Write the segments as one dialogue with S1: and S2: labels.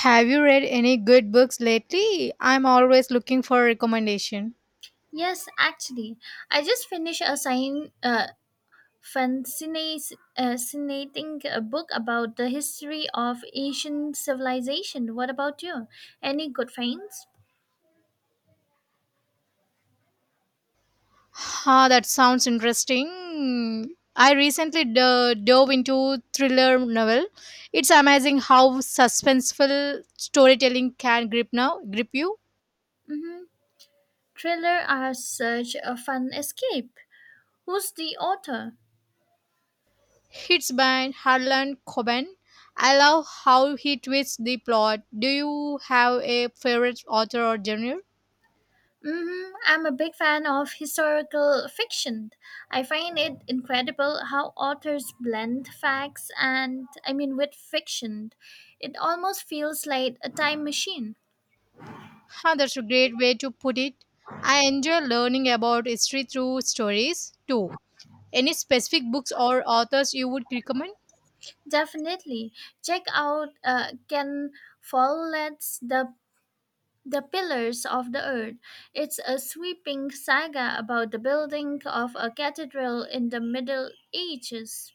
S1: Have you read any good books lately? I'm always looking for recommendation.
S2: Yes, actually, I just finished fascinating book about the history of Asian civilization. What about you? Any good finds?
S1: Ah, that sounds interesting. I recently dove into thriller novel. It's amazing how suspenseful storytelling can grip you.
S2: Mm-hmm. Thriller are such a fun escape. Who's the author?
S1: It's by Harlan Coben. I love how he twists the plot. Do you have a favorite author or genre?
S2: Mm-hmm. I'm a big fan of historical fiction. I find it incredible how authors blend facts and, I mean, with fiction. It almost feels like a time machine.
S1: Huh, that's a great way to put it. I enjoy learning about history through stories too. Any specific books or authors you would recommend?
S2: Definitely. Check out Ken Follett's the Pillars of the Earth. It's a sweeping saga about the building of a cathedral in the Middle Ages.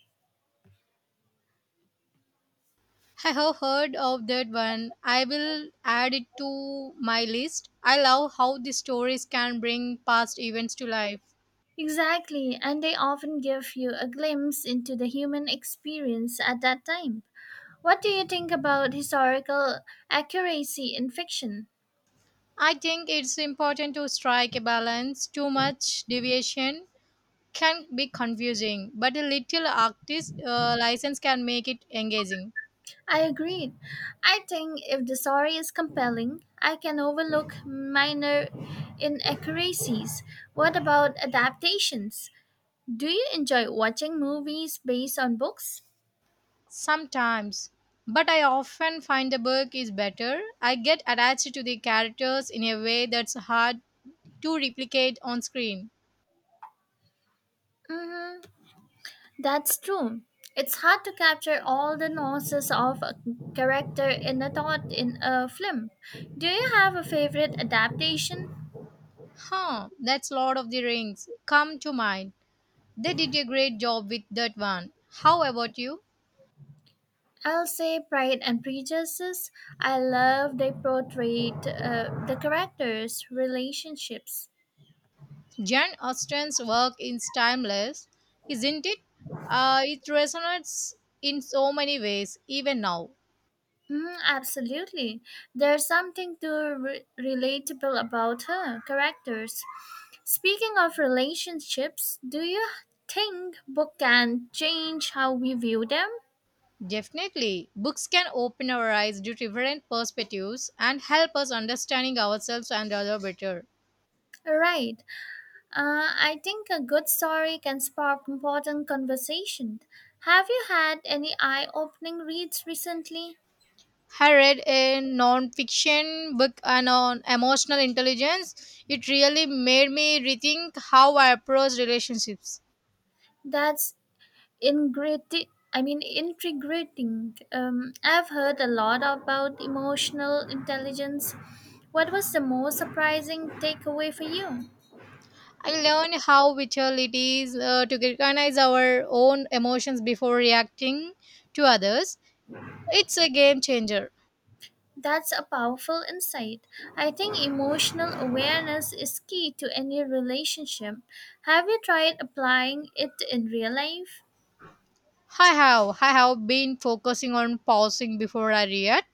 S1: I have heard of that one. I will add it to my list. I love how the stories can bring past events to life.
S2: Exactly, and they often give you a glimpse into the human experience at that time. What do you think about historical accuracy in fiction?
S1: I think it's important to strike a balance. Too much deviation can be confusing, but a little artist license can make it engaging.
S2: I agreed. I think if the story is compelling, I can overlook minor inaccuracies. What about adaptations? Do you enjoy watching movies based on books?
S1: Sometimes. But I often find the book is better. I get attached to the characters in a way that's hard to replicate on screen.
S2: Hmm. That's true. It's hard to capture all the nuances of a character in a thought in a film. Do you have a favorite adaptation?
S1: Huh, that's Lord of the Rings. Come to mind. They did a great job with that one. How about you?
S2: I'll say Pride and Prejudice. I love they portrayed the characters' relationships.
S1: Jan Austen's work is timeless, isn't it? It resonates in so many ways, even now.
S2: Mm, absolutely. There's something to relatable about her characters. Speaking of relationships, do you think book can change how we view them?
S1: Definitely, books can open our eyes to different perspectives and help us understanding ourselves and other better.
S2: Right. I think a good story can spark important conversation. Have you had any eye-opening reads recently?
S1: I read a non-fiction book on emotional intelligence. It really made me rethink how I approach relationships.
S2: That's Ingrati- I mean, Integrating. I've heard a lot about emotional intelligence. What was the most surprising takeaway for you?
S1: I learned how vital it is to recognize our own emotions before reacting to others. It's a game changer.
S2: That's a powerful insight. I think emotional awareness is key to any relationship. Have you tried applying it in real life?
S1: I have been focusing on pausing before I react,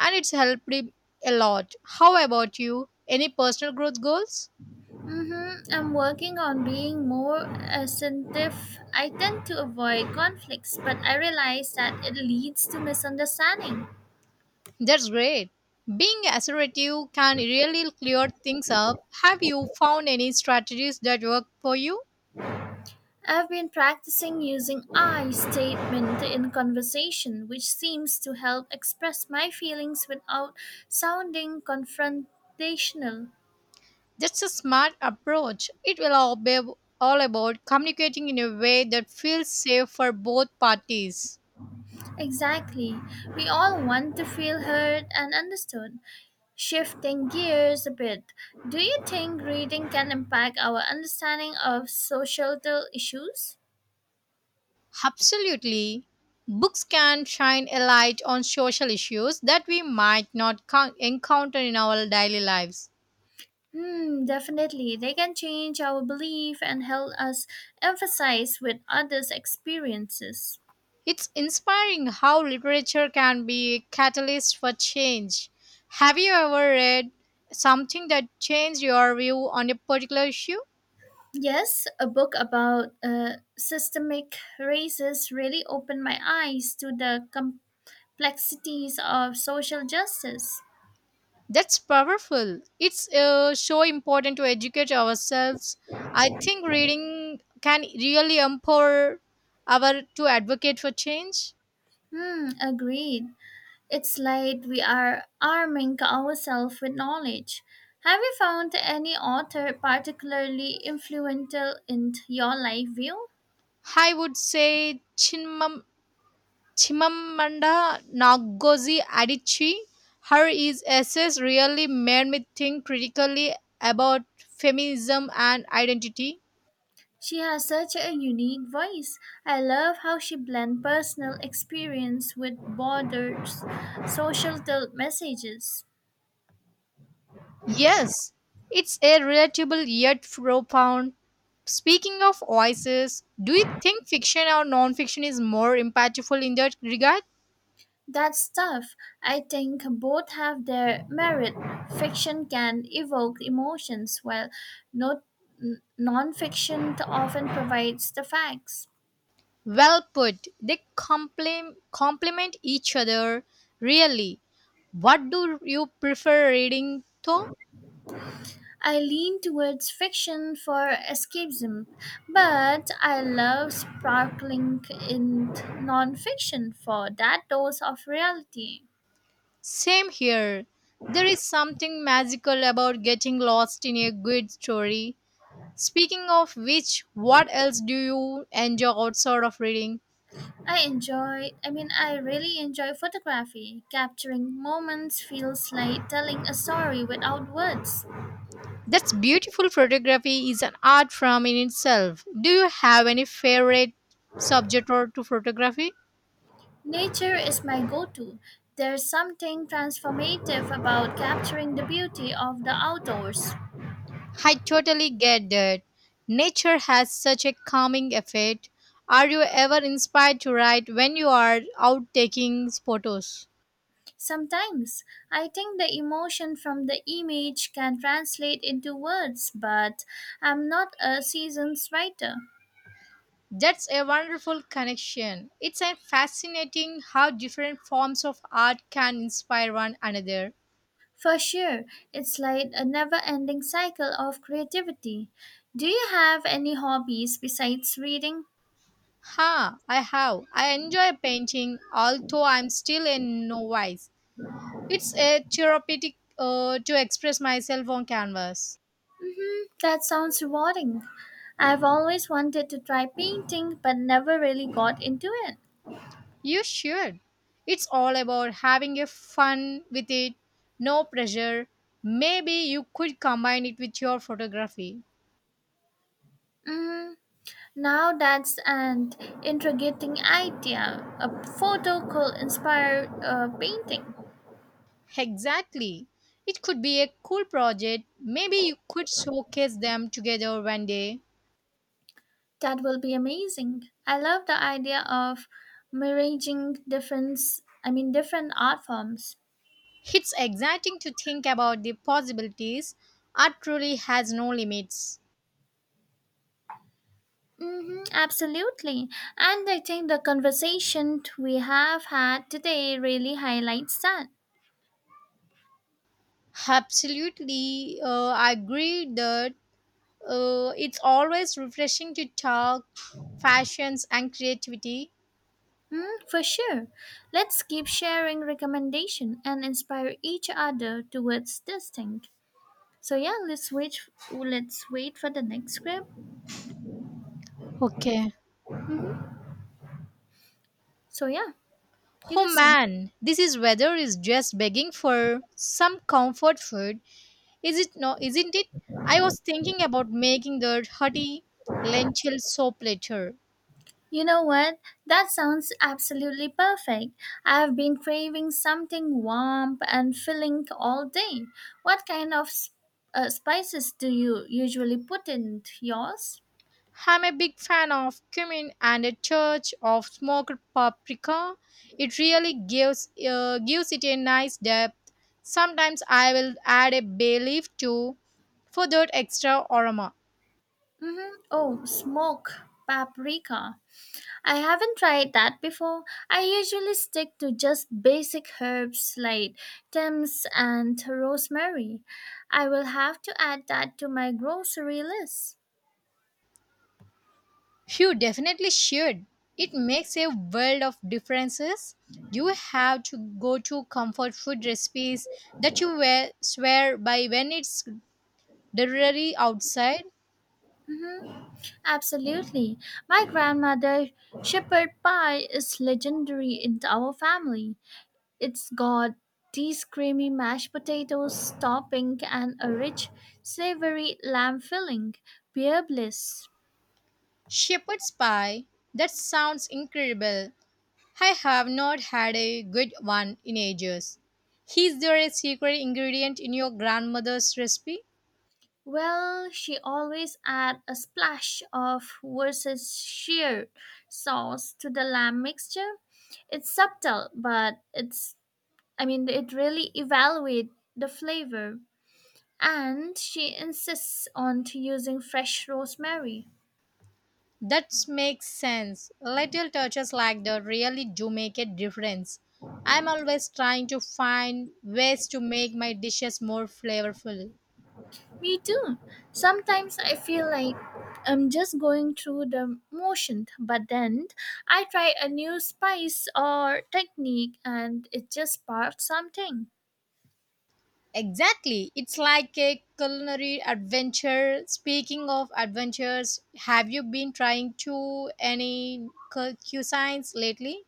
S1: and it's helped me a lot. How about you? Any personal growth goals?
S2: Mm-hmm. I'm working on being more assertive. I tend to avoid conflicts, but I realize that it leads to misunderstanding.
S1: That's great. Being assertive can really clear things up. Have you found any strategies that work for you?
S2: I've been practicing using I statement in conversation, which seems to help express my feelings without sounding confrontational.
S1: That's a smart approach. It will all be all about communicating in a way that feels safe for both parties.
S2: Exactly. We all want to feel heard and understood. Shifting gears a bit, do you think reading can impact our understanding of societal issues?
S1: Absolutely. Books can shine a light on social issues that we might not con- encounter in our daily lives.
S2: Hmm, definitely. They can change our belief and help us emphasize with others' experiences.
S1: It's inspiring how literature can be a catalyst for change. Have you ever read something that changed your view on a particular issue?
S2: Yes, a book about systemic races really opened my eyes to the complexities of social justice.
S1: That's powerful. It's so important to educate ourselves. I think reading can really empower our to advocate for change.
S2: Hmm, agreed. It's like we are arming ourselves with knowledge. Have you found any author particularly influential in your life view?
S1: I would say Chinmam Chimamanda Ngozi Adichie. Her is essays really made me think critically about feminism and identity.
S2: She has such a unique voice. I love how she blends personal experience with broader social messages.
S1: Yes, it's a relatable yet profound. Speaking of voices, do you think fiction or non-fiction is more impactful in that regard?
S2: That's tough. I think both have their merit. Fiction can evoke emotions, while not, n- non-fiction often provides the facts.
S1: Well put. They complement each other. Really, what do you prefer reading, though?
S2: I lean towards fiction for escapism, but I love sparkling in non-fiction for that dose of reality.
S1: Same here. There is something magical about getting lost in a good story. Speaking of which, what else do you enjoy outside of reading?
S2: I really enjoy photography. Capturing moments feels like telling a story without words.
S1: That's beautiful photography is an art form in itself. Do you have any favorite subject or to photography?
S2: Nature is my go to. There's something transformative about capturing the beauty of the outdoors.
S1: I totally get that. Nature has such a calming effect. Are you ever inspired to write when you are out taking photos?
S2: Sometimes I think the emotion from the image can translate into words, but I'm not a seasoned writer.
S1: That's a wonderful connection. It's a fascinating how different forms of art can inspire one another.
S2: For sure, it's like a never ending cycle of creativity. Do you have any hobbies besides reading?
S1: Ha, I have. I enjoy painting, although I'm still a novice. It's a therapeutic to express myself on canvas.
S2: Mm-hmm, that sounds rewarding. I've always wanted to try painting but never really got into it.
S1: You should. It's all about having a fun with it, no pressure. Maybe you could combine it with your photography.
S2: Mm, now that's an intriguing idea. A photo could inspire a painting.
S1: Exactly. It could be a cool project. Maybe you could showcase them together one day.
S2: That will be amazing. I love the idea of merging different, I mean, different art forms.
S1: It's exciting to think about the possibilities. Art truly has no limits.
S2: Mm-hmm, absolutely. And I think the conversation we have had today really highlights that.
S1: Absolutely. I agree that it's always refreshing to talk fashions and creativity.
S2: Mm, for sure. Let's keep sharing recommendation and inspire each other towards this thing. So yeah, let's wait. Let's wait for the next script.
S1: Okay.
S2: So yeah, you
S1: Oh
S2: can start.
S1: man, this is weather is just begging for some comfort food. Is it no? Isn't it? I was thinking about making the hearty lentil soup later.
S2: You know what? That sounds absolutely perfect. I've been craving something warm and filling all day. What kind of spices do you usually put in yours?
S1: I'm a big fan of cumin and a touch of smoked paprika. It really gives it a nice depth. Sometimes I will add a bay leaf too for that extra aroma.
S2: Mm-hmm. Oh, smoke paprika. I haven't tried that before. I usually stick to just basic herbs like thyme and rosemary. I will have to add that to my grocery list.
S1: You definitely should. It makes a world of differences. You have to go to comfort food recipes that you swear by when it's Delivery outside?
S2: Absolutely. My grandmother shepherd pie is legendary in our family. It's got these creamy mashed potatoes topping and a rich savory lamb filling. Pure bliss.
S1: Shepherd's pie? That sounds incredible. I have not had a good one in ages. Is there a secret ingredient in your grandmother's recipe?
S2: Well, she always add a splash of Worcestershire sauce to the lamb mixture. It's subtle, but it's I mean it really evaluate the flavor. And she insists on to using fresh rosemary.
S1: That makes sense. Little touches like that really do make a difference. I'm always trying to find ways to make my dishes more flavorful.
S2: Me too. Sometimes I feel like I'm just going through the motion, but then I try a new spice or technique and it just sparks something.
S1: Exactly. It's like a culinary adventure. Speaking of adventures, have you been trying to any cuisines lately?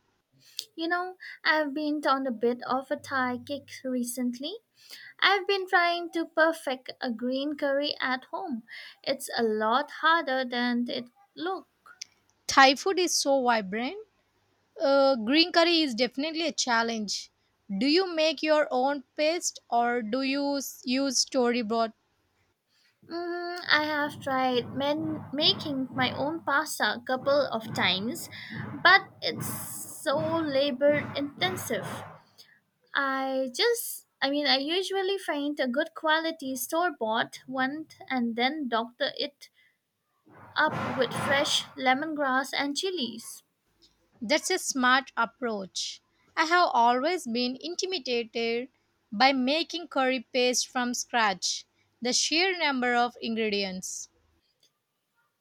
S2: You know, I've been on a bit of a Thai kick recently. I've been trying to perfect a green curry at home. It's a lot harder than it looked.
S1: Thai food is so vibrant. Green curry is definitely a challenge. Do you make your own paste or use storyboard?
S2: Mm, I have tried making my own pasta a couple of times, but it's so labor intensive. I just, I mean, I usually find a good quality store bought one and then doctor it up with fresh lemongrass and chilies.
S1: That's a smart approach. I have always been intimidated by making curry paste from scratch. The sheer number of ingredients.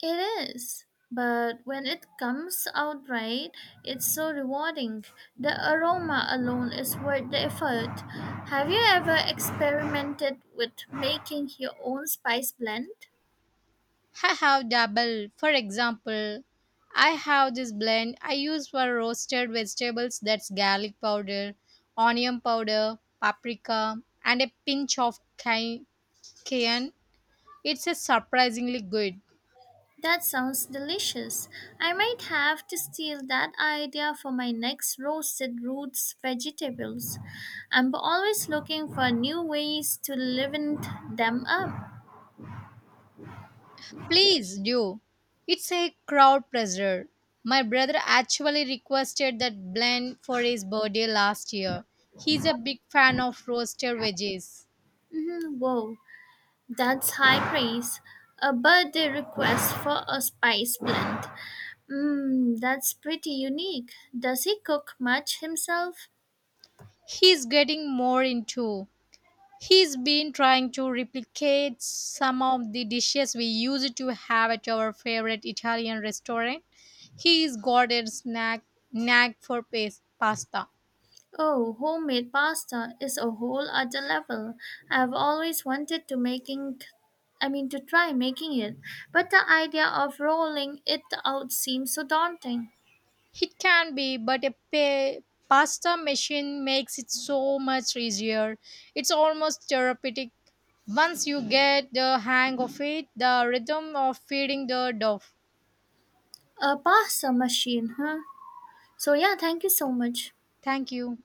S2: It is, but when it comes out right, it's so rewarding. The aroma alone is worth the effort. Have you ever experimented with making your own spice blend?
S1: I have double. For example, I have this blend I use for roasted vegetables that's garlic powder, onion powder, paprika, and a pinch of cayenne. It's a surprisingly good.
S2: That sounds delicious. I might have to steal that idea for my next roasted roots vegetables. I'm always looking for new ways to liven them up.
S1: Please do. It's a crowd pleaser. My brother actually requested that blend for his birthday last year. He's a big fan of roasted veggies.
S2: Mhm, whoa, that's high praise. A birthday request for a spice blend. Mmm, that's pretty unique. Does he cook much himself?
S1: He's getting more into He's been trying to replicate some of the dishes we used to have at our favorite Italian restaurant. He's got a snack knack for pasta.
S2: Oh, homemade pasta is a whole other level. I've always wanted to try making it, but the idea of rolling it out seems so daunting.
S1: It can be, but pasta machine makes it so much easier. It's almost therapeutic. Once you get the hang of it, the rhythm of feeding the dove.
S2: A pasta machine, huh? So yeah, thank you so much.
S1: Thank you.